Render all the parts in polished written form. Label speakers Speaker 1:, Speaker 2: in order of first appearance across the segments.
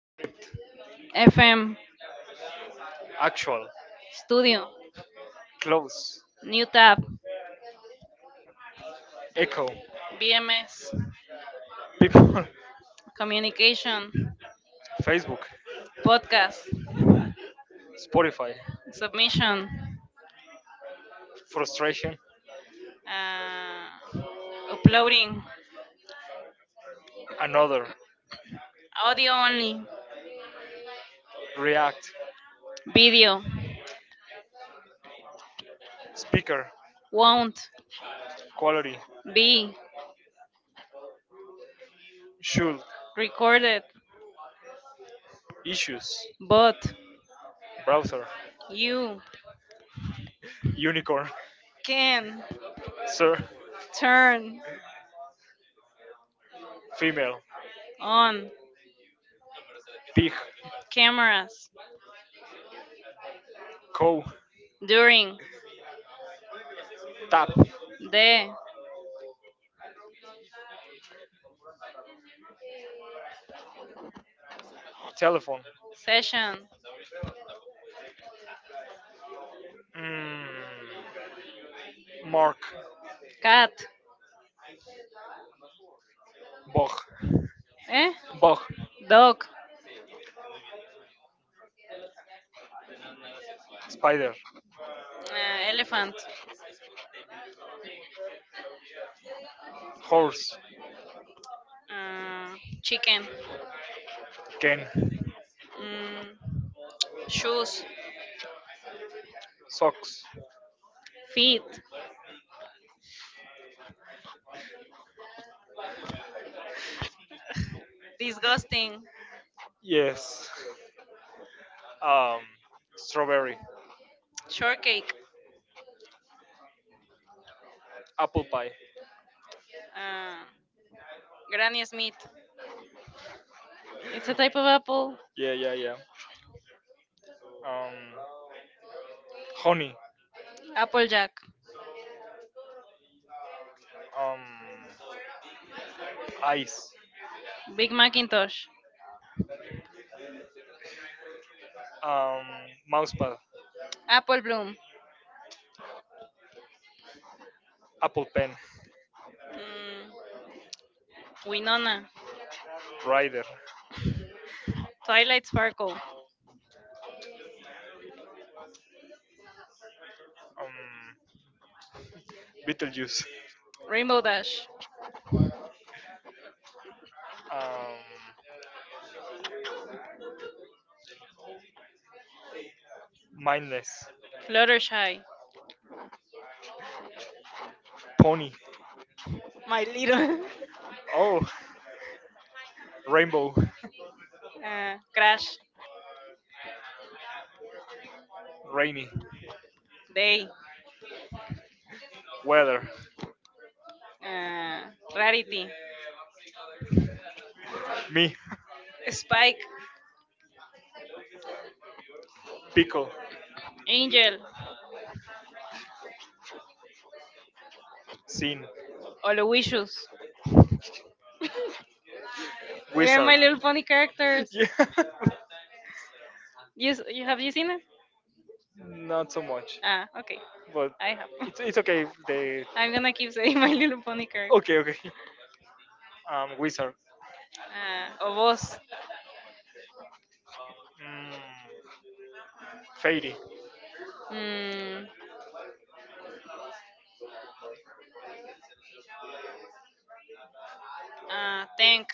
Speaker 1: Script.
Speaker 2: FM,
Speaker 1: Actual.
Speaker 2: Studio,
Speaker 1: Close.
Speaker 2: New Tab,
Speaker 1: Echo.
Speaker 2: BMS,
Speaker 1: People.
Speaker 2: Communication,
Speaker 1: Facebook.
Speaker 2: Podcast,
Speaker 1: Spotify.
Speaker 2: Submission,
Speaker 1: Frustration.
Speaker 2: uh, Uploading,
Speaker 1: Another.
Speaker 2: Audio Only,
Speaker 1: React.
Speaker 2: Video,
Speaker 1: Speaker.
Speaker 2: Won't,
Speaker 1: Quality.
Speaker 2: Be,
Speaker 1: Should.
Speaker 2: Recorded,
Speaker 1: Issues.
Speaker 2: But,
Speaker 1: Browser.
Speaker 2: You,
Speaker 1: Unicorn.
Speaker 2: Can,
Speaker 1: Sir.
Speaker 2: Turn,
Speaker 1: Female.
Speaker 2: On,
Speaker 1: Pig.
Speaker 2: Cameras,
Speaker 1: Cow.
Speaker 2: During,
Speaker 1: Tap.
Speaker 2: The,
Speaker 1: Telephone.
Speaker 2: Session,
Speaker 1: Mm, Mark.
Speaker 2: Cat,
Speaker 1: Bog.
Speaker 2: Eh,
Speaker 1: Eh? Bog.
Speaker 2: Dog,
Speaker 1: Spider. uh,
Speaker 2: Elephant.
Speaker 1: Horse.
Speaker 2: uh, Chicken,
Speaker 1: Can.
Speaker 2: mm, shoes,
Speaker 1: Socks.
Speaker 2: feet, disgusting,
Speaker 1: Yes. Um, strawberry,
Speaker 2: shortcake,
Speaker 1: apple pie.
Speaker 2: uh, Granny Smith. It's a type of apple.
Speaker 1: Yeah, yeah, yeah. Um, honey.
Speaker 2: Applejack,
Speaker 1: Um, ice.
Speaker 2: Big Macintosh,
Speaker 1: Um, mousepad,
Speaker 2: Apple Bloom,
Speaker 1: apple pen,
Speaker 2: mm, Winona,
Speaker 1: rider. Um,
Speaker 2: Twilight Sparkle,
Speaker 1: Beetlejuice.
Speaker 2: Rainbow Dash,
Speaker 1: Um, mindless.
Speaker 2: Fluttershy,
Speaker 1: Pony.
Speaker 2: My Little,
Speaker 1: Oh, rainbow,
Speaker 2: Crash,
Speaker 1: rainy,
Speaker 2: Day,
Speaker 1: weather,
Speaker 2: uh, Rarity,
Speaker 1: me,
Speaker 2: Spike,
Speaker 1: pickle,
Speaker 2: Angel,
Speaker 1: scene,
Speaker 2: Aloysius. They're
Speaker 1: wizard.
Speaker 2: my little funny characters.
Speaker 1: Yeah,
Speaker 2: You have you seen it?
Speaker 1: not so much,
Speaker 2: Ah, okay.
Speaker 1: but
Speaker 2: I have.
Speaker 1: it's okay. If they
Speaker 2: I'm gonna keep saying My Little Pony character.
Speaker 1: okay, okay. Wizard,
Speaker 2: O
Speaker 1: Voz.
Speaker 2: vos.
Speaker 1: Mm, Fairy,
Speaker 2: Mm, thank.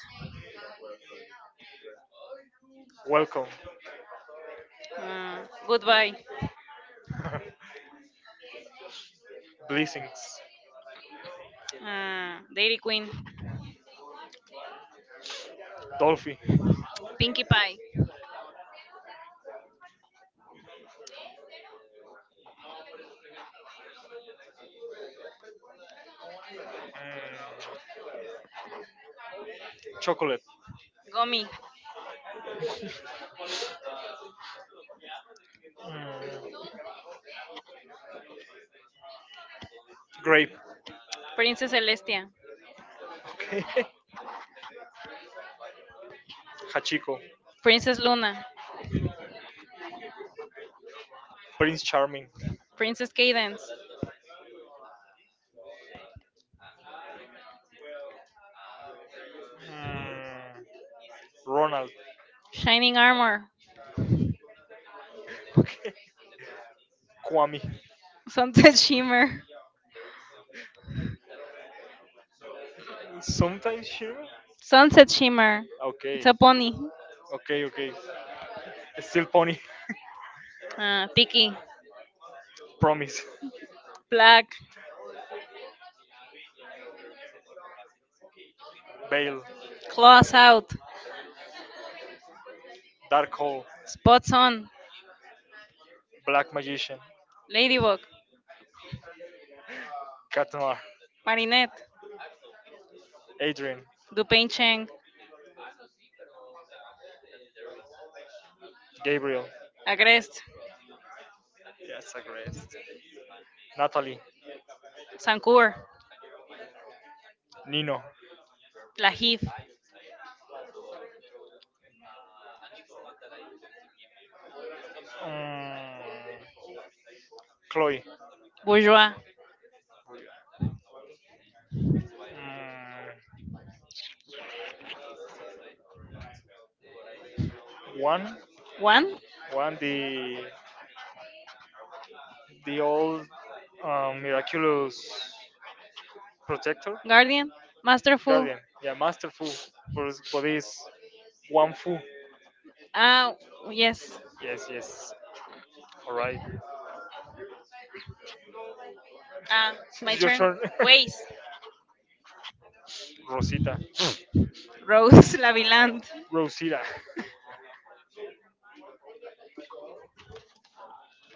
Speaker 1: welcome,
Speaker 2: Uh,
Speaker 1: Goodbye.
Speaker 2: Goodbye.
Speaker 1: Blessings,
Speaker 2: Dairy Queen.
Speaker 1: Dolphy, Pinkie Pie.
Speaker 2: Pinkie Pie.
Speaker 1: mm, chocolate, Gummy.
Speaker 2: Gummy.
Speaker 1: mm, grape,
Speaker 2: Princess Celestia.
Speaker 1: Okay, Hachiko,
Speaker 2: Princess Luna.
Speaker 1: Prince Charming,
Speaker 2: Princess Cadence.
Speaker 1: Mm, Ronald.
Speaker 2: Shining Armor.
Speaker 1: Okay. Kwame.
Speaker 2: Sunset Shimmer.
Speaker 1: Sometimes Shiro?
Speaker 2: Sunset Shimmer. It's
Speaker 1: Okay.
Speaker 2: a pony.
Speaker 1: Okay, okay. Still Pony.
Speaker 2: Tiki.
Speaker 1: Promise.
Speaker 2: Black.
Speaker 1: Bale.
Speaker 2: Claws out.
Speaker 1: Dark Hole.
Speaker 2: Spots on.
Speaker 1: Black Magician.
Speaker 2: Ladybug.
Speaker 1: Katnar.
Speaker 2: Marinette.
Speaker 1: Adrian.
Speaker 2: Gupenchen,
Speaker 1: Gabriel.
Speaker 2: Agrest,
Speaker 1: Yes, aggressed. Natalie.
Speaker 2: Sancour,
Speaker 1: Nino.
Speaker 2: Lahif,
Speaker 1: um, Chloe.
Speaker 2: Bourgeois,
Speaker 1: Um, One.
Speaker 2: One,
Speaker 1: One the old miraculous protector
Speaker 2: Guardian, Masterful.
Speaker 1: guardian. Yeah, master Fu. For his body's one Fu.
Speaker 2: Ah,
Speaker 1: Yes.
Speaker 2: yes.
Speaker 1: Yes, yes. All right.
Speaker 2: Ah,
Speaker 1: Um,
Speaker 2: my
Speaker 1: It's your
Speaker 2: turn.
Speaker 1: turn. Of
Speaker 2: Ways,
Speaker 1: Rosita. Rose
Speaker 2: Rose
Speaker 1: Lavillan.
Speaker 2: Laviland,
Speaker 1: Rosita.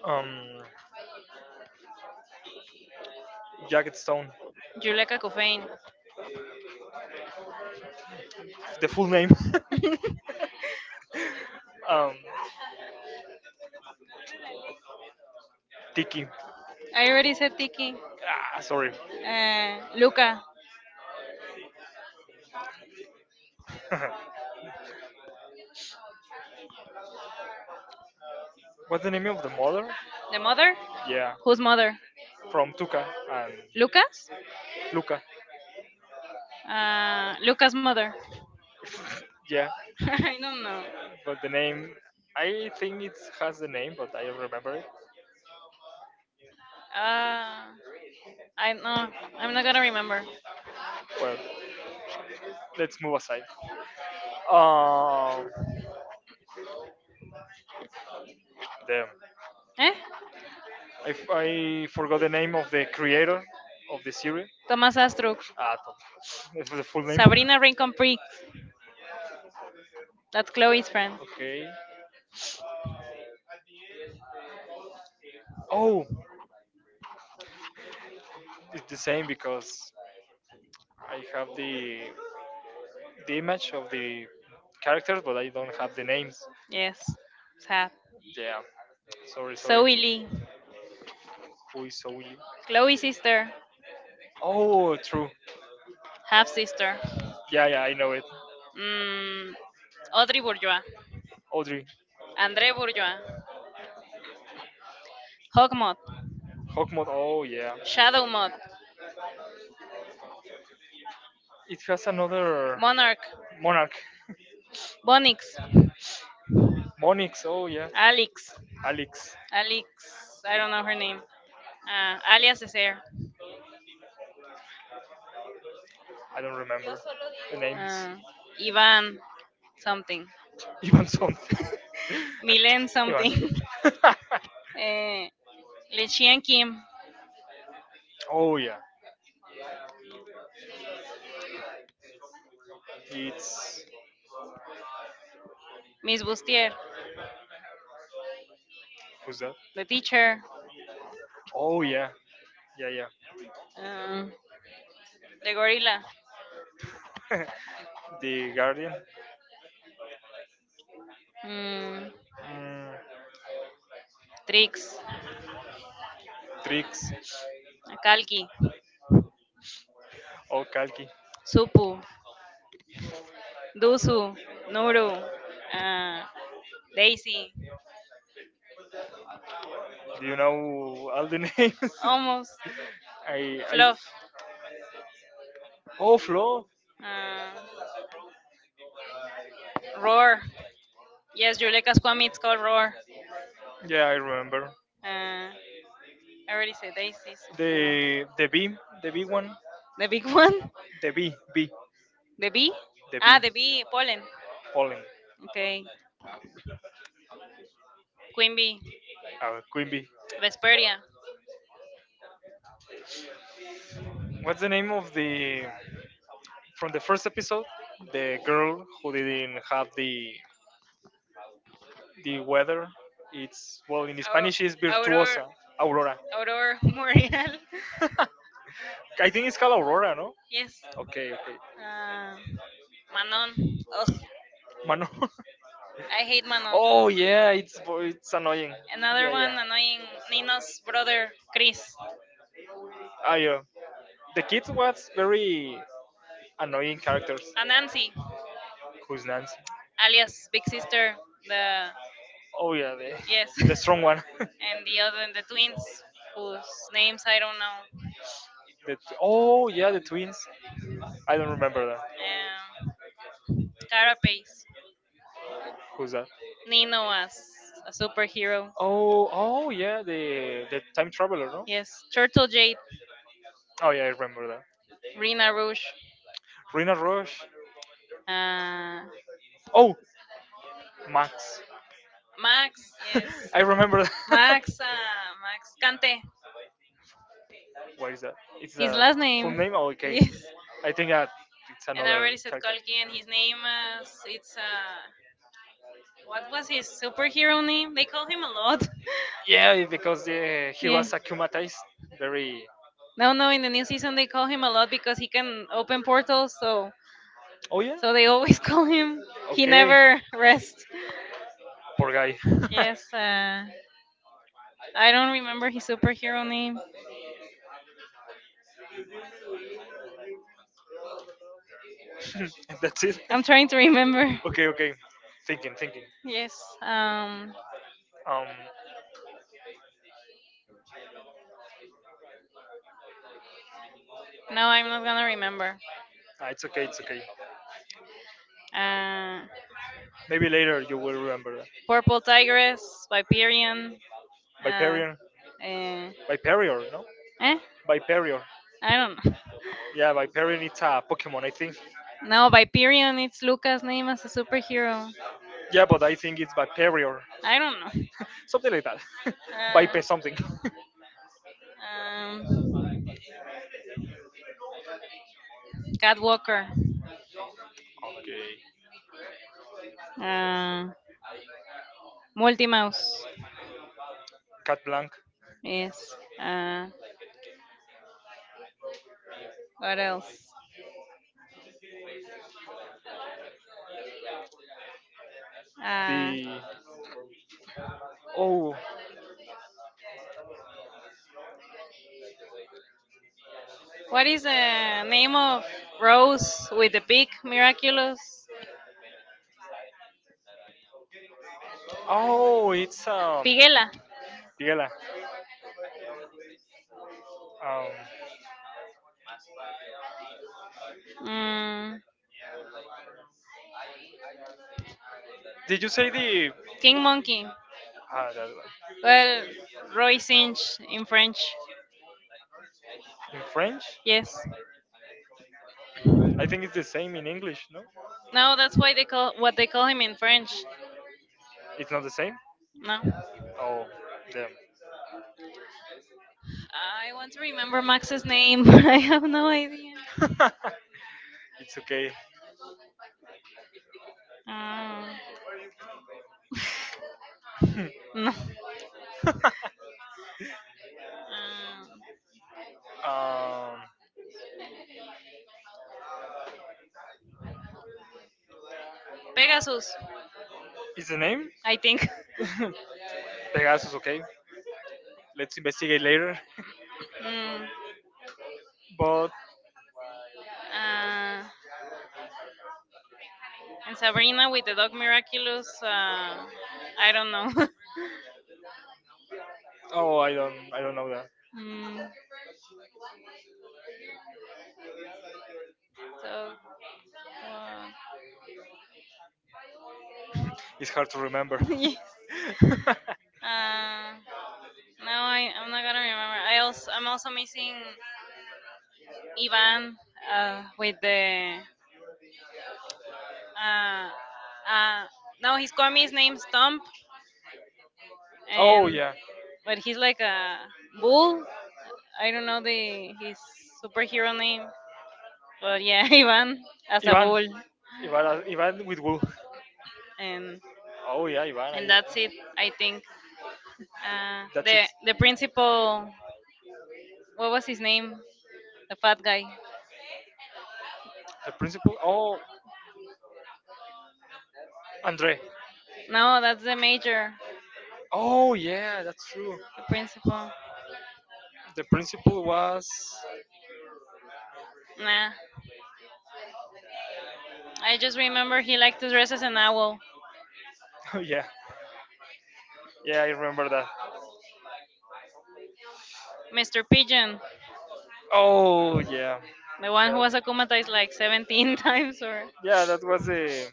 Speaker 1: Um, Jacket Stone. Yolanda
Speaker 2: Juleka
Speaker 1: Main.
Speaker 2: Cofain.
Speaker 1: The full name. um, Tiki.
Speaker 2: I already said Tiki.
Speaker 1: Ah, sorry.
Speaker 2: Luca,
Speaker 1: What's the name of the mother?
Speaker 2: the mother?
Speaker 1: Yeah,
Speaker 2: Whose mother?
Speaker 1: from Tuca and
Speaker 2: Lucas?
Speaker 1: Luca.
Speaker 2: Lucas' mother.
Speaker 1: Yeah,
Speaker 2: I don't know.
Speaker 1: but the name, I think it has the name, but I don't remember it.
Speaker 2: Uh, I no, I'm not gonna remember.
Speaker 1: Well, let's move aside. Um, damn,
Speaker 2: Eh?
Speaker 1: I forgot the name of the creator of the series.
Speaker 2: Thomas Astruc.
Speaker 1: Atom. Is the full name?
Speaker 2: Sabrina Rincon Prick. That's Chloe's friend.
Speaker 1: Okay. Oh, it's the same because I have the image of the characters, but I don't have the names.
Speaker 2: Yes. Sad.
Speaker 1: Yeah. Sorry, sorry.
Speaker 2: Zoe Lee.
Speaker 1: Who is Souli?
Speaker 2: Chloe's sister.
Speaker 1: Oh, true.
Speaker 2: Half sister.
Speaker 1: Yeah, yeah, I know it.
Speaker 2: Mm, Audrey Bourgeois.
Speaker 1: Audrey.
Speaker 2: André Bourgeois. Hog Mod.
Speaker 1: Hawkmoth. Oh, yeah.
Speaker 2: Shadow Mod.
Speaker 1: It has another
Speaker 2: Monarch.
Speaker 1: monarch.
Speaker 2: Bonix.
Speaker 1: Monix. Oh, yeah.
Speaker 2: Alex.
Speaker 1: Alex.
Speaker 2: Alex. I don't know her name. Alias Cesare.
Speaker 1: I don't remember the names.
Speaker 2: Uh, Ivan something.
Speaker 1: You want something?
Speaker 2: Milen
Speaker 1: You
Speaker 2: something. uh, Lechian Kim.
Speaker 1: oh yeah, it's
Speaker 2: Miss Bustier.
Speaker 1: who's that?
Speaker 2: The teacher.
Speaker 1: Oh yeah, yeah, yeah.
Speaker 2: Um, the gorilla.
Speaker 1: The Guardian.
Speaker 2: Mm,
Speaker 1: Mm,
Speaker 2: Trix.
Speaker 1: Tricks.
Speaker 2: Kalki.
Speaker 1: Oh, Kalki.
Speaker 2: Supu. Dusu. Nuru. Uh, Daisy.
Speaker 1: Do you know all the names?
Speaker 2: Almost.
Speaker 1: I, I,
Speaker 2: Fluff.
Speaker 1: oh, Flo.
Speaker 2: Uh, Roar. Yes, Juleka Squammy, it's called Roar.
Speaker 1: Yeah, I remember.
Speaker 2: Uh, I already said Daisy. Supu.
Speaker 1: The B, the B one,
Speaker 2: The big one?
Speaker 1: the B, B,
Speaker 2: The bee?
Speaker 1: the
Speaker 2: Ah, the
Speaker 1: B,
Speaker 2: bee. Pollen.
Speaker 1: Pollen,
Speaker 2: Okay. Queen bee.
Speaker 1: Queen Bee.
Speaker 2: Vesperia.
Speaker 1: What's the name of the from the first episode? The girl who didn't have the weather. It's well in Spanish is
Speaker 2: Aurora.
Speaker 1: virtuosa, aurora. Aurora
Speaker 2: Aurora Boreal.
Speaker 1: Borealis. I think it's called aurora, no? Yes.
Speaker 2: Yes.
Speaker 1: Okay, okay. Uh,
Speaker 2: Uh, Manon. Ugh,
Speaker 1: Manon. Oscar. Mano. I
Speaker 2: I hate
Speaker 1: hate Manon.
Speaker 2: Manon.
Speaker 1: Oh, yeah, it's it's annoying. Another
Speaker 2: Another
Speaker 1: Yeah, one
Speaker 2: one
Speaker 1: yeah.
Speaker 2: annoying
Speaker 1: Annoying.
Speaker 2: Nino's
Speaker 1: Nino's brother.
Speaker 2: brother, Chris.
Speaker 1: Ah, yeah. The kids was very annoying characters.
Speaker 2: Anansi,
Speaker 1: Anansi. Who's Nancy?
Speaker 2: alias Big Sister.
Speaker 1: Sister.
Speaker 2: The
Speaker 1: Oh yeah, the yes,
Speaker 2: Yes,
Speaker 1: the strong one. And the
Speaker 2: and the
Speaker 1: other
Speaker 2: other the
Speaker 1: the twins
Speaker 2: twins whose
Speaker 1: whose
Speaker 2: names
Speaker 1: names I
Speaker 2: I don't
Speaker 1: don't
Speaker 2: know.
Speaker 1: know. Oh yeah, the twins. I don't remember that. Yeah,
Speaker 2: Um,
Speaker 1: Carapace,
Speaker 2: Carapace.
Speaker 1: who's that? Nino
Speaker 2: Nino
Speaker 1: was
Speaker 2: as a
Speaker 1: super.
Speaker 2: superhero.
Speaker 1: Oh yeah, the time traveler, no? Yes.
Speaker 2: Yes, Turtle Jade,
Speaker 1: Oh yeah, I remember that. Rina
Speaker 2: Rina
Speaker 1: Rose,
Speaker 2: Rouge,
Speaker 1: Rena Rush. um,
Speaker 2: uh,
Speaker 1: Oh, Max. Max,
Speaker 2: Max. Yes,
Speaker 1: yes, I remember that.
Speaker 2: Max,
Speaker 1: Maxa.
Speaker 2: uh, Max Kante.
Speaker 1: What is that? It's
Speaker 2: His
Speaker 1: the
Speaker 2: last
Speaker 1: full
Speaker 2: name.
Speaker 1: name? Oh, okay.
Speaker 2: Yes.
Speaker 1: I think that it's
Speaker 2: And I
Speaker 1: another
Speaker 2: already said
Speaker 1: character.
Speaker 2: Kalki, and his name is it's what was his superhero name? They call him a lot.
Speaker 1: Yeah, because he
Speaker 2: Yeah.
Speaker 1: was akumatized. Very.
Speaker 2: No, no. In the new season, they call him a lot because he can open portals. So,
Speaker 1: Oh yeah.
Speaker 2: so they always call him. He
Speaker 1: Okay.
Speaker 2: never rests.
Speaker 1: Poor guy.
Speaker 2: Yes. I don't remember his superhero name.
Speaker 1: That's it.
Speaker 2: I'm trying to remember.
Speaker 1: Okay, okay. Thinking, thinking.
Speaker 2: Yes. Um.
Speaker 1: Um,
Speaker 2: No, I'm not gonna remember.
Speaker 1: Ah, it's okay, it's okay.
Speaker 2: Uh.
Speaker 1: Maybe later you will remember that.
Speaker 2: Purple Tigress, Viperian. Uh,
Speaker 1: Viperion.
Speaker 2: eh,
Speaker 1: Viperior, no?
Speaker 2: eh,
Speaker 1: Viperior.
Speaker 2: I don't know.
Speaker 1: Yeah, Viperion it's a Pokemon, I think.
Speaker 2: No, Viperion, it's Luca's name as a superhero.
Speaker 1: Yeah, but I think it's Viperior.
Speaker 2: I don't know.
Speaker 1: Something like that. Vipe something.
Speaker 2: Uh, Catwalker. Uh, Multimouse.
Speaker 1: Cat Blanc.
Speaker 2: Yes. Uh, what else? Uh,
Speaker 1: The.
Speaker 2: what is the name of Rose with
Speaker 1: Oh,
Speaker 2: the pig? Miraculous.
Speaker 1: oh, it's
Speaker 2: Pigela.
Speaker 1: Diela. Um,
Speaker 2: Mm,
Speaker 1: did you say the
Speaker 2: King Monkey.
Speaker 1: that
Speaker 2: Well, Roy Sinch in
Speaker 1: one
Speaker 2: French.
Speaker 1: in French?
Speaker 2: Yes.
Speaker 1: I think it's the same in English, no?
Speaker 2: No, that's why they call what they call him in French.
Speaker 1: It's not the same.
Speaker 2: No.
Speaker 1: Oh, damn.
Speaker 2: I want to remember Max's name, but I have no idea.
Speaker 1: It's okay.
Speaker 2: Uh, no. Uh,
Speaker 1: um,
Speaker 2: Pegasus,
Speaker 1: is the name?
Speaker 2: I think.
Speaker 1: Pegasus, okay. Let's investigate later.
Speaker 2: Mm.
Speaker 1: But
Speaker 2: Uh, and Sabrina with the dog Miraculous. I don't know.
Speaker 1: oh, I don't know that.
Speaker 2: Mm. So what?
Speaker 1: It's hard to remember.
Speaker 2: Yes. Uh, No, I'm not gonna remember. I'm also missing Ivan with the uh, uh, no, he's called me his name's Stump,
Speaker 1: Oh
Speaker 2: and
Speaker 1: yeah,
Speaker 2: but he's
Speaker 1: like
Speaker 2: like a
Speaker 1: a wolf.
Speaker 2: bull.
Speaker 1: I
Speaker 2: I
Speaker 1: don't
Speaker 2: don't
Speaker 1: know
Speaker 2: know
Speaker 1: the name.
Speaker 2: the his superhero name,
Speaker 1: But
Speaker 2: but yeah,
Speaker 1: yeah, Ivan.
Speaker 2: Ivan
Speaker 1: As a
Speaker 2: as a
Speaker 1: Ivan.
Speaker 2: bull,
Speaker 1: Wolf. Ivan, Ivan with wool.
Speaker 2: and
Speaker 1: Oh yeah, Ivan.
Speaker 2: and
Speaker 1: I,
Speaker 2: that's it. I think
Speaker 1: that's it, I
Speaker 2: the
Speaker 1: think.
Speaker 2: the
Speaker 1: That's it. The, oh,
Speaker 2: principal,
Speaker 1: what
Speaker 2: what was
Speaker 1: was his
Speaker 2: his
Speaker 1: name?
Speaker 2: name? The
Speaker 1: The bad
Speaker 2: fat
Speaker 1: guy.
Speaker 2: guy.
Speaker 1: The principal. Oh, Andre. No,
Speaker 2: No, that's the
Speaker 1: that's
Speaker 2: major,
Speaker 1: oh yeah, that's true.
Speaker 2: the principal.
Speaker 1: The principal was.
Speaker 2: Nah.
Speaker 1: Nah. I
Speaker 2: I
Speaker 1: just
Speaker 2: just remember he liked to dress as an
Speaker 1: now.
Speaker 2: owl.
Speaker 1: Oh yeah, yeah, I remember that.
Speaker 2: Mr. Pigeon,
Speaker 1: Oh yeah,
Speaker 2: the one who
Speaker 1: that,
Speaker 2: was akumatized like 17 times, or
Speaker 1: yeah, that was a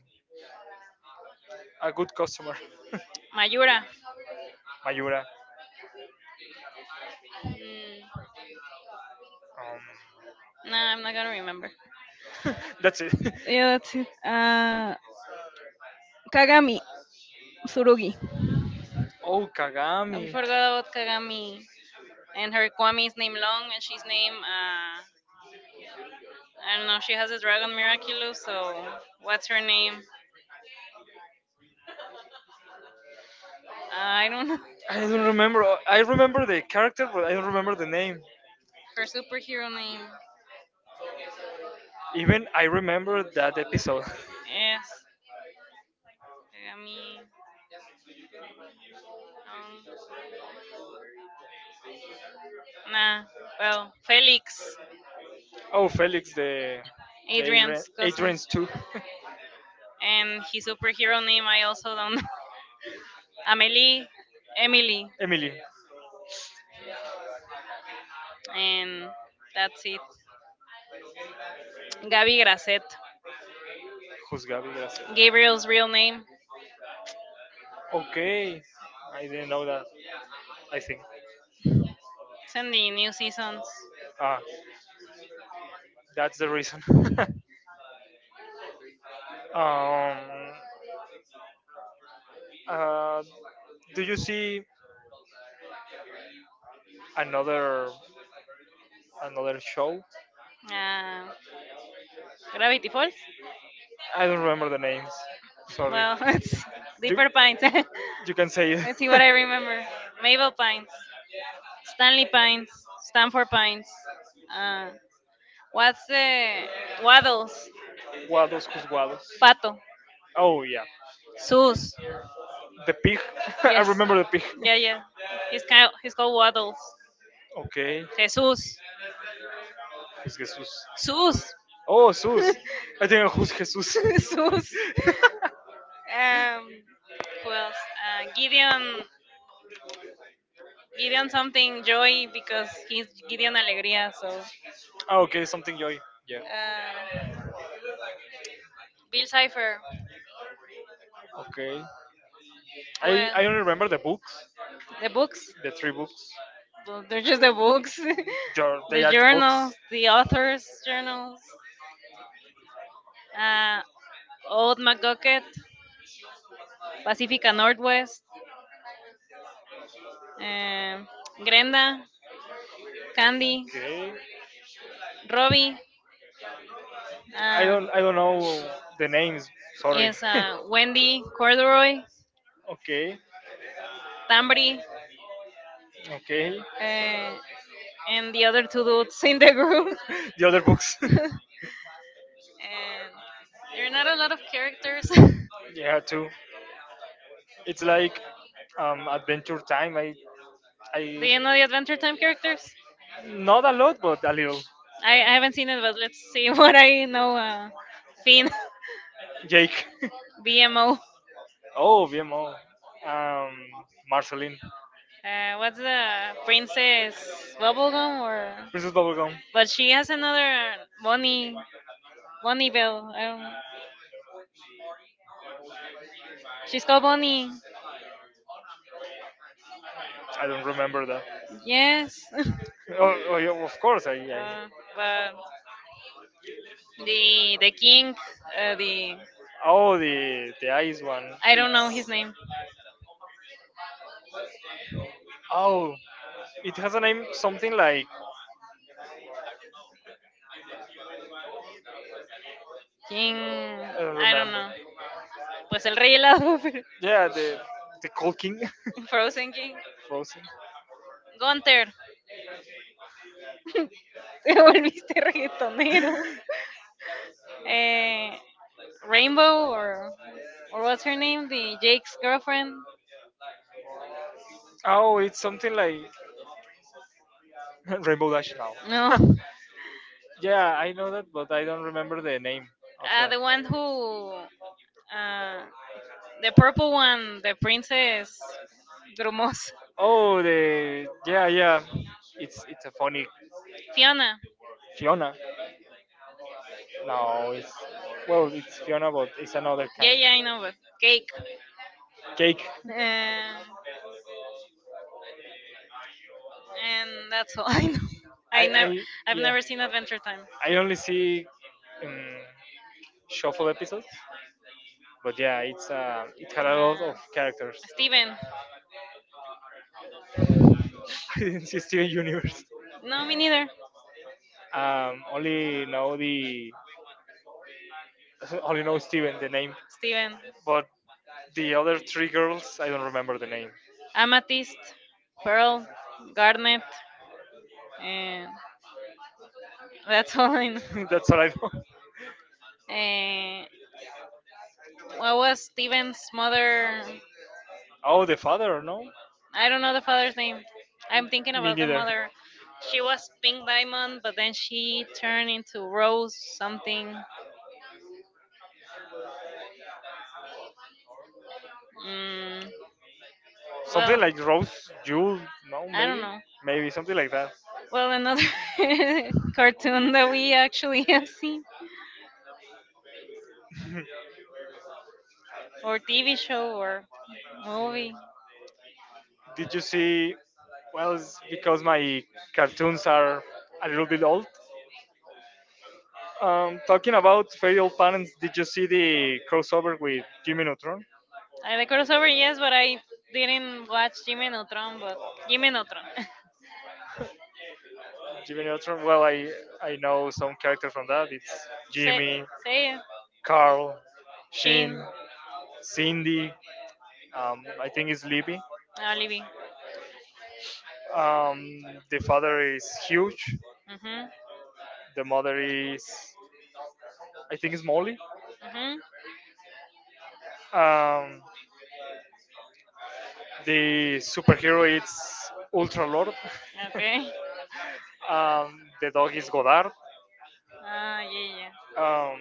Speaker 1: a good customer,
Speaker 2: Mayura.
Speaker 1: Mayura.
Speaker 2: Mm,
Speaker 1: Um,
Speaker 2: no, I'm not gonna remember.
Speaker 1: that's it.
Speaker 2: Yeah, that's it. Kagami Tsurugi.
Speaker 1: Oh,
Speaker 2: We
Speaker 1: Kagami.
Speaker 2: forgot about Kagami, and her Kwami is named Long, and she's named I don't know. She has a dragon Miraculous, so what's her name? I don't know.
Speaker 1: I don't remember. I remember the character, but I don't remember the name.
Speaker 2: Her superhero name.
Speaker 1: Even I remember that episode.
Speaker 2: Yes, Kagami. Long. Nah, well, Felix,
Speaker 1: Oh, Felix, the Adrian,
Speaker 2: Adrian's cousin,
Speaker 1: Adrian's too.
Speaker 2: and his superhero name I also don't know. Amelie, Emily,
Speaker 1: Emily.
Speaker 2: and that's it. Gaby Grasset,
Speaker 1: Who's Gabi? Gracias.
Speaker 2: Gabriel's real name.
Speaker 1: Okay, I didn't know that. I think.
Speaker 2: It's in the new seasons.
Speaker 1: Ah, that's the reason. um, uh, do you see another another show?
Speaker 2: Uh, Gravity Falls.
Speaker 1: I don't remember the names. Sorry.
Speaker 2: Well, it's
Speaker 1: You
Speaker 2: Deeper Pines.
Speaker 1: you can say it.
Speaker 2: Let's see what I remember. Mabel Pines, Stanley Pines, Stanford Pines. Uh,
Speaker 1: What's
Speaker 2: what's the
Speaker 1: the waddle?
Speaker 2: Waddles?
Speaker 1: Waddles, who's Waddles?
Speaker 2: Pato,
Speaker 1: Pato. Oh yeah, Sus.
Speaker 2: Sus.
Speaker 1: The pig. I
Speaker 2: Yes.
Speaker 1: remember the pig. Yeah, yeah.
Speaker 2: Yeah, yeah. He's
Speaker 1: It's
Speaker 2: kind. He's
Speaker 1: kind
Speaker 2: called Waddles.
Speaker 1: of. Okay, Jesus.
Speaker 2: Jesus.
Speaker 1: Who's Jesus? Sus.
Speaker 2: Sus.
Speaker 1: Oh, Jesus. I think who's Jesus? Sus.
Speaker 2: Sus. Um. Who else?
Speaker 1: Gideon.
Speaker 2: Gideon.
Speaker 1: Gideon
Speaker 2: Gideon something joy, because he's
Speaker 1: Gideon
Speaker 2: Gideon
Speaker 1: Alegría.
Speaker 2: Alegría. So.
Speaker 1: Sus. Ah, okay, something joy. Yeah.
Speaker 2: Uh, Bill Cipher.
Speaker 1: Okay.
Speaker 2: Who
Speaker 1: I only remember
Speaker 2: else?
Speaker 1: the books.
Speaker 2: The books.
Speaker 1: The three books.
Speaker 2: Well, they're just the books.
Speaker 1: Your, they
Speaker 2: The
Speaker 1: are the authors,
Speaker 2: journals. The authors' journals. Uh,
Speaker 1: all
Speaker 2: Old McGucket.
Speaker 1: así,
Speaker 2: Pacifica Northwest. um, Grenda, Candy,
Speaker 1: okay.
Speaker 2: Robbie,
Speaker 1: I
Speaker 2: uh,
Speaker 1: don't I don't know the names. Sorry.
Speaker 2: yes, Wendy, Corduroy,
Speaker 1: Okay. Tamarind,
Speaker 2: Tambri,
Speaker 1: okay. And
Speaker 2: uh, and the other two dudes in
Speaker 1: the
Speaker 2: the
Speaker 1: other
Speaker 2: group.
Speaker 1: group. The other books. There's
Speaker 2: And there are
Speaker 1: a
Speaker 2: not a
Speaker 1: lot
Speaker 2: lot of
Speaker 1: of
Speaker 2: characters.
Speaker 1: characters. Yeah, too. It's like Adventure Time.
Speaker 2: Do
Speaker 1: I
Speaker 2: you know the Adventure Time characters?
Speaker 1: Not a lot, but a little.
Speaker 2: I haven't seen it, but let's see what I know. Finn,
Speaker 1: Jake.
Speaker 2: BMO.
Speaker 1: Oh, BMO. Um, Marceline.
Speaker 2: What's the Princess Bubblegum or?
Speaker 1: Princess Bubblegum.
Speaker 2: But she has another, Bonnie, Bonnie Bell. I don't. She's called Bonnie.
Speaker 1: I don't remember that.
Speaker 2: Yes.
Speaker 1: Oh, oh yeah, of course. I.
Speaker 2: uh, but the king, the
Speaker 1: Oh, the ice one.
Speaker 2: I don't know
Speaker 1: It's
Speaker 2: his name.
Speaker 1: oh, it has a name something like
Speaker 2: King,
Speaker 1: I don't
Speaker 2: I don't
Speaker 1: remember.
Speaker 2: know. Pues el rey helado, pero-
Speaker 1: Yeah, the Cold King,
Speaker 2: Frozen King.
Speaker 1: Frozen.
Speaker 2: Gunther. Te volviste reggaetonero. Eh, Rainbow, or what's her name? The Jake's girlfriend.
Speaker 1: Oh, it's something like Rainbow Dash
Speaker 2: No.
Speaker 1: now. Yeah, I know that, but I don't remember the name of that.
Speaker 2: The one who, Uh, the purple one, the princess Grumos.
Speaker 1: Oh, the yeah, yeah. It's a funny
Speaker 2: Fiona.
Speaker 1: Fiona. No, it's well, it's Fiona, but it's another
Speaker 2: Yeah,
Speaker 1: kind.
Speaker 2: yeah, I know, but cake.
Speaker 1: Cake.
Speaker 2: Um, and that's all I know. I
Speaker 1: I
Speaker 2: never, I've
Speaker 1: Yeah.
Speaker 2: never seen Adventure Time.
Speaker 1: I only see um, shuffle episodes, but yeah, it had a lot of
Speaker 2: Uh,
Speaker 1: characters.
Speaker 2: Steven.
Speaker 1: I didn't see Steven Universe.
Speaker 2: No, me neither.
Speaker 1: Only know the only know Steven the name,
Speaker 2: Steven.
Speaker 1: but the other three girls I don't remember the name.
Speaker 2: Amethyst, Pearl, Garnet, and that's all I know.
Speaker 1: That's all I know.
Speaker 2: Uh, what was Steven's mother?
Speaker 1: Oh, the father, no,
Speaker 2: I don't know the father's name. I'm thinking
Speaker 1: me
Speaker 2: about the
Speaker 1: neither.
Speaker 2: mother. She was Pink Diamond, but then she turned into Rose something. Mm,
Speaker 1: Something
Speaker 2: well,
Speaker 1: like Rose Jewel, no,
Speaker 2: I don't
Speaker 1: maybe,
Speaker 2: know.
Speaker 1: maybe something like that.
Speaker 2: Well, another cartoon that we actually have seen, or TV show, or movie.
Speaker 1: Did you see? Well, it's because my cartoons are a little bit old. Talking about failed parents, did you see the crossover with Jimmy Neutron?
Speaker 2: I like crossover, yes, but I didn't watch Jimmy Neutron, but Jimmy Neutron.
Speaker 1: Jimmy Neutron. Well, I know some characters from that. It's
Speaker 2: say,
Speaker 1: Jimmy,
Speaker 2: say it.
Speaker 1: Carl, Sheen,
Speaker 2: Sheen,
Speaker 1: Cindy. I think it's Libby.
Speaker 2: Olive.
Speaker 1: Um, the father is huge.
Speaker 2: Mhm.
Speaker 1: The mother is, I think, it's Molly.
Speaker 2: Mhm.
Speaker 1: Um, the superhero is Ultra Lord.
Speaker 2: Okay.
Speaker 1: The dog is Godard.
Speaker 2: Ah, yeah,
Speaker 1: Um,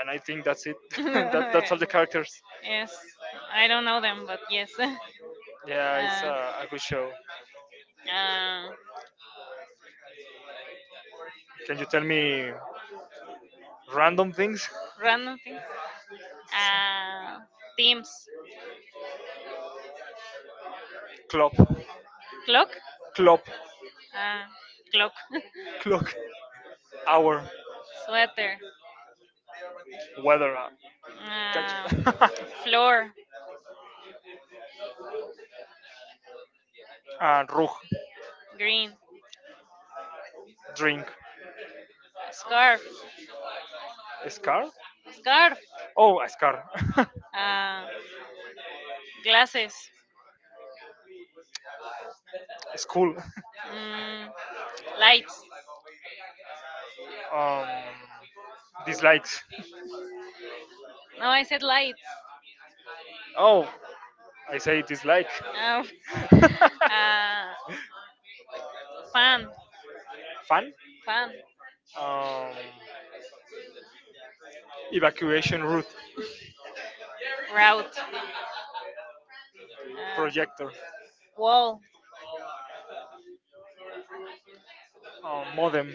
Speaker 1: and I think that's it.
Speaker 2: yeah.
Speaker 1: That's all the characters.
Speaker 2: Yes. I don't know them, but yes.
Speaker 1: Yeah, it's
Speaker 2: Uh,
Speaker 1: a good show.
Speaker 2: uh,
Speaker 1: Can you tell me random things?
Speaker 2: Random things. Uh, Teams.
Speaker 1: Clock,
Speaker 2: Clock.
Speaker 1: clock,
Speaker 2: Uh, Clock.
Speaker 1: clock, hour,
Speaker 2: Sweater.
Speaker 1: weather, catch,
Speaker 2: Uh, Floor.
Speaker 1: and rug,
Speaker 2: Green.
Speaker 1: drink,
Speaker 2: Scarf.
Speaker 1: a scar?
Speaker 2: Scarf.
Speaker 1: Oh, a scar.
Speaker 2: Uh, Glasses.
Speaker 1: School.
Speaker 2: Mm, lights.
Speaker 1: Um, dislikes.
Speaker 2: No, I said lights.
Speaker 1: Oh, I say dislike.
Speaker 2: Um, uh, Plan,
Speaker 1: Fun?
Speaker 2: plan,
Speaker 1: Um, evacuation route.
Speaker 2: route, uh,
Speaker 1: Projector.
Speaker 2: wall,
Speaker 1: Modem.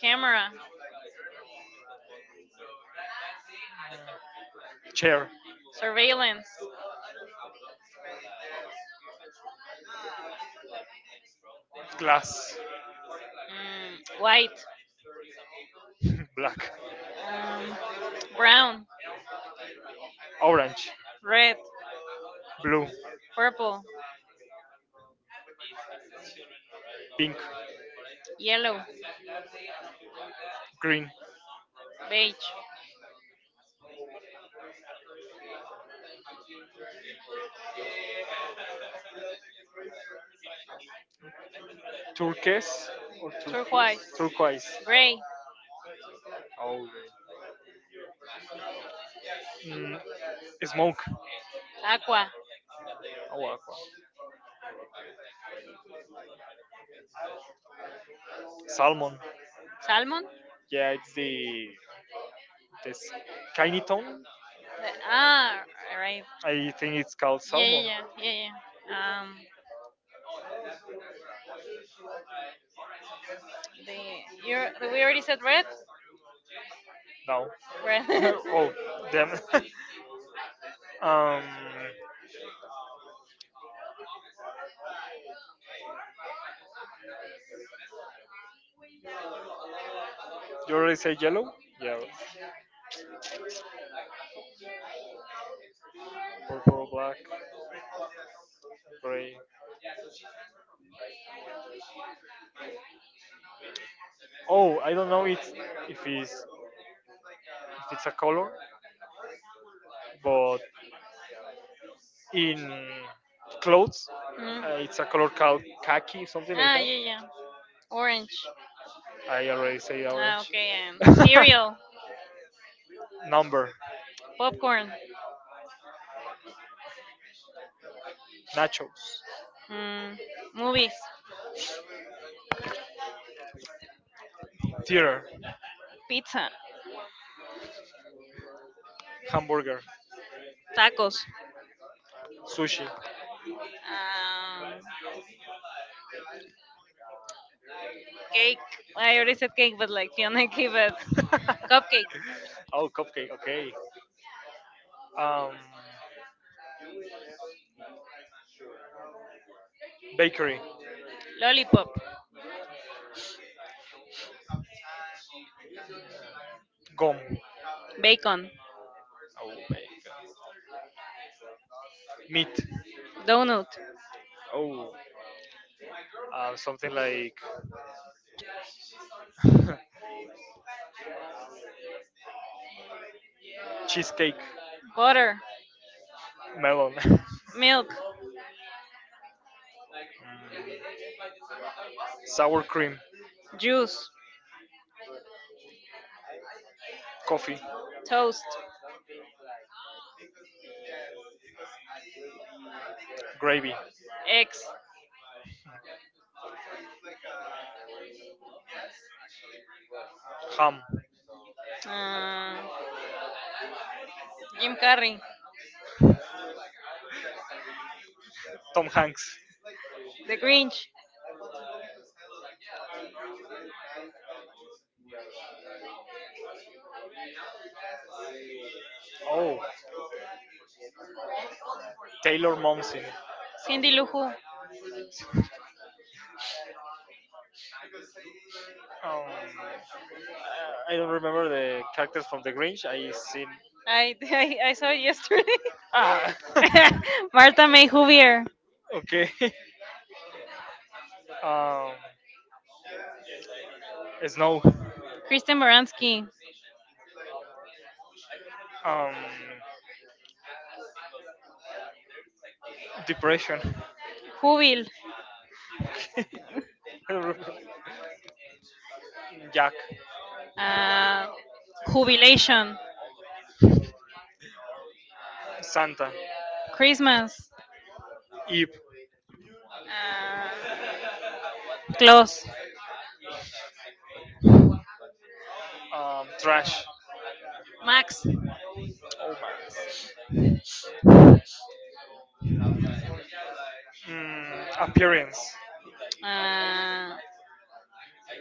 Speaker 2: camera,
Speaker 1: Chair.
Speaker 2: surveillance,
Speaker 1: Glass.
Speaker 2: mm, white,
Speaker 1: Black,
Speaker 2: um, brown,
Speaker 1: brown, orange, red,
Speaker 2: red,
Speaker 1: blue, purple,
Speaker 2: purple,
Speaker 1: pink,
Speaker 2: yellow,
Speaker 1: yellow, green, beige,
Speaker 2: beige,
Speaker 1: turquoise or turquoise, turquoise,
Speaker 2: turquoise,
Speaker 1: turquoise, gray,
Speaker 2: gray,
Speaker 1: oh, great. Mm, smoke, aqua,
Speaker 2: aqua,
Speaker 1: oh, aqua, salmon. Salmon.
Speaker 2: salmon.
Speaker 1: Yeah, it's the this tiny tone.
Speaker 2: The,
Speaker 1: Ah,
Speaker 2: ah, right.
Speaker 1: I think it's called
Speaker 2: Yeah, yeah,
Speaker 1: salmon.
Speaker 2: yeah, yeah, yeah. The you
Speaker 1: You're, we
Speaker 2: we already
Speaker 1: already
Speaker 2: said
Speaker 1: said red?
Speaker 2: red,
Speaker 1: No.
Speaker 2: red.
Speaker 1: Red. Oh, damn. Um, you already say yellow? Yeah, purple, black, gray. Oh, I don't know it's, if it's a color, but in clothes,
Speaker 2: Mhm.
Speaker 1: it's a color called khaki, something like
Speaker 2: Ah,
Speaker 1: that.
Speaker 2: yeah, yeah. Orange.
Speaker 1: I already say
Speaker 2: Ah,
Speaker 1: orange.
Speaker 2: okay. Cereal,
Speaker 1: Number,
Speaker 2: popcorn,
Speaker 1: nachos,
Speaker 2: mm, movies,
Speaker 1: theater,
Speaker 2: pizza,
Speaker 1: hamburger,
Speaker 2: tacos,
Speaker 1: sushi,
Speaker 2: um, cake. I already said cake, but like Fiona gave it. Cupcake,
Speaker 1: oh, cupcake. Okay. Um, bakery.
Speaker 2: lollipop,
Speaker 1: Gum.
Speaker 2: bacon,
Speaker 1: Meat.
Speaker 2: donut,
Speaker 1: Something like cheesecake.
Speaker 2: butter,
Speaker 1: Melon.
Speaker 2: milk,
Speaker 1: Sour cream.
Speaker 2: juice,
Speaker 1: Coffee.
Speaker 2: toast,
Speaker 1: Gravy.
Speaker 2: eggs.
Speaker 1: Ham.
Speaker 2: Uh, Jim Carrey,
Speaker 1: Tom Hanks.
Speaker 2: The Grinch,
Speaker 1: Oh, Taylor Momsen.
Speaker 2: Cindy Lou Who.
Speaker 1: Um, I don't remember the characters from The Grinch. I seen.
Speaker 2: I, I saw it yesterday.
Speaker 1: Ah,
Speaker 2: Martha May Huvier,
Speaker 1: okay. Um, snow.
Speaker 2: Kristen Baranski,
Speaker 1: Um, depression.
Speaker 2: jubil,
Speaker 1: I don't remember. Jack.
Speaker 2: uh, Jubilation,
Speaker 1: Santa.
Speaker 2: Christmas,
Speaker 1: Eve.
Speaker 2: uh, Klaus,
Speaker 1: Trash.
Speaker 2: Max,
Speaker 1: Appearance.
Speaker 2: uh,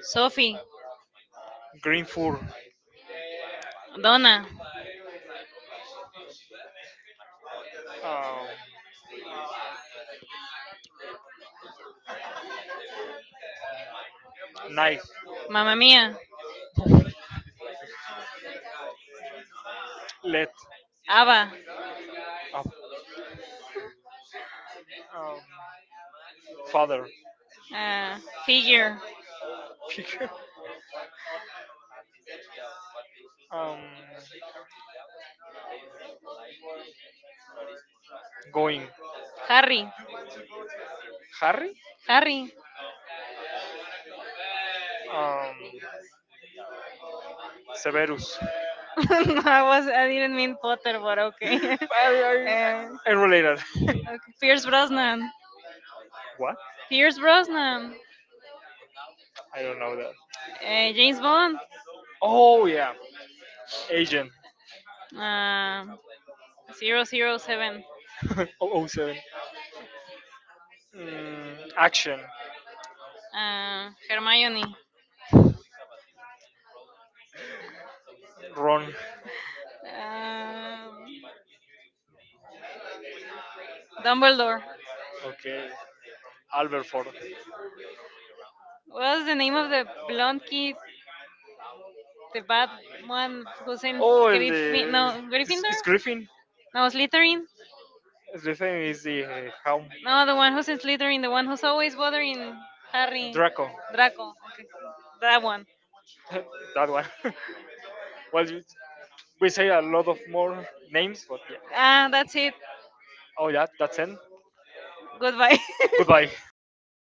Speaker 2: Sophie,
Speaker 1: Green Fur,
Speaker 2: Donna,
Speaker 1: um, Knife,
Speaker 2: Mamma Mia,
Speaker 1: Let,
Speaker 2: Ava,
Speaker 1: uh, um, Father,
Speaker 2: uh, Figure,
Speaker 1: Figure, um, Going,
Speaker 2: Harry,
Speaker 1: Harry,
Speaker 2: Harry.
Speaker 1: um, Severus.
Speaker 2: No, I didn't mean Potter, but okay.
Speaker 1: I, I, I I related.
Speaker 2: Okay. Pierce Brosnan,
Speaker 1: What?
Speaker 2: Pierce Brosnan,
Speaker 1: I don't know that. Uh,
Speaker 2: James
Speaker 1: James Bond.
Speaker 2: Bond,
Speaker 1: Oh yeah, Agent
Speaker 2: uh, zero zero
Speaker 1: Zero zero
Speaker 2: 007,
Speaker 1: 007. Oh oh seven. Action.
Speaker 2: Hermione,
Speaker 1: Hermione Ron.
Speaker 2: uh, Dumbledore.
Speaker 1: Dumbledore. Okay. Albert Ford. The clone
Speaker 2: What was the name of the blonde kid,
Speaker 1: is
Speaker 2: the
Speaker 1: the
Speaker 2: bad
Speaker 1: bad
Speaker 2: one
Speaker 1: one
Speaker 2: who's
Speaker 1: does
Speaker 2: in
Speaker 1: oh, el
Speaker 2: Griffin?
Speaker 1: de.
Speaker 2: No,
Speaker 1: Gryffindor. It's,
Speaker 2: Gryffindor.
Speaker 1: it's Griffin.
Speaker 2: No, Slytherin.
Speaker 1: No, Griffin is the. How?
Speaker 2: No, the one who's in Slytherin, the one who's
Speaker 1: So is
Speaker 2: always
Speaker 1: bothering
Speaker 2: bothering
Speaker 1: having
Speaker 2: Harry.
Speaker 1: Draco. Draco.
Speaker 2: Draco. Okay, that one.
Speaker 1: Dragon. That one. Well, you, we say a lot of more names, but yeah.
Speaker 2: Ah,
Speaker 1: Uh,
Speaker 2: that's it.
Speaker 1: Oh, yeah, that's it.
Speaker 2: Goodbye.
Speaker 1: Goodbye.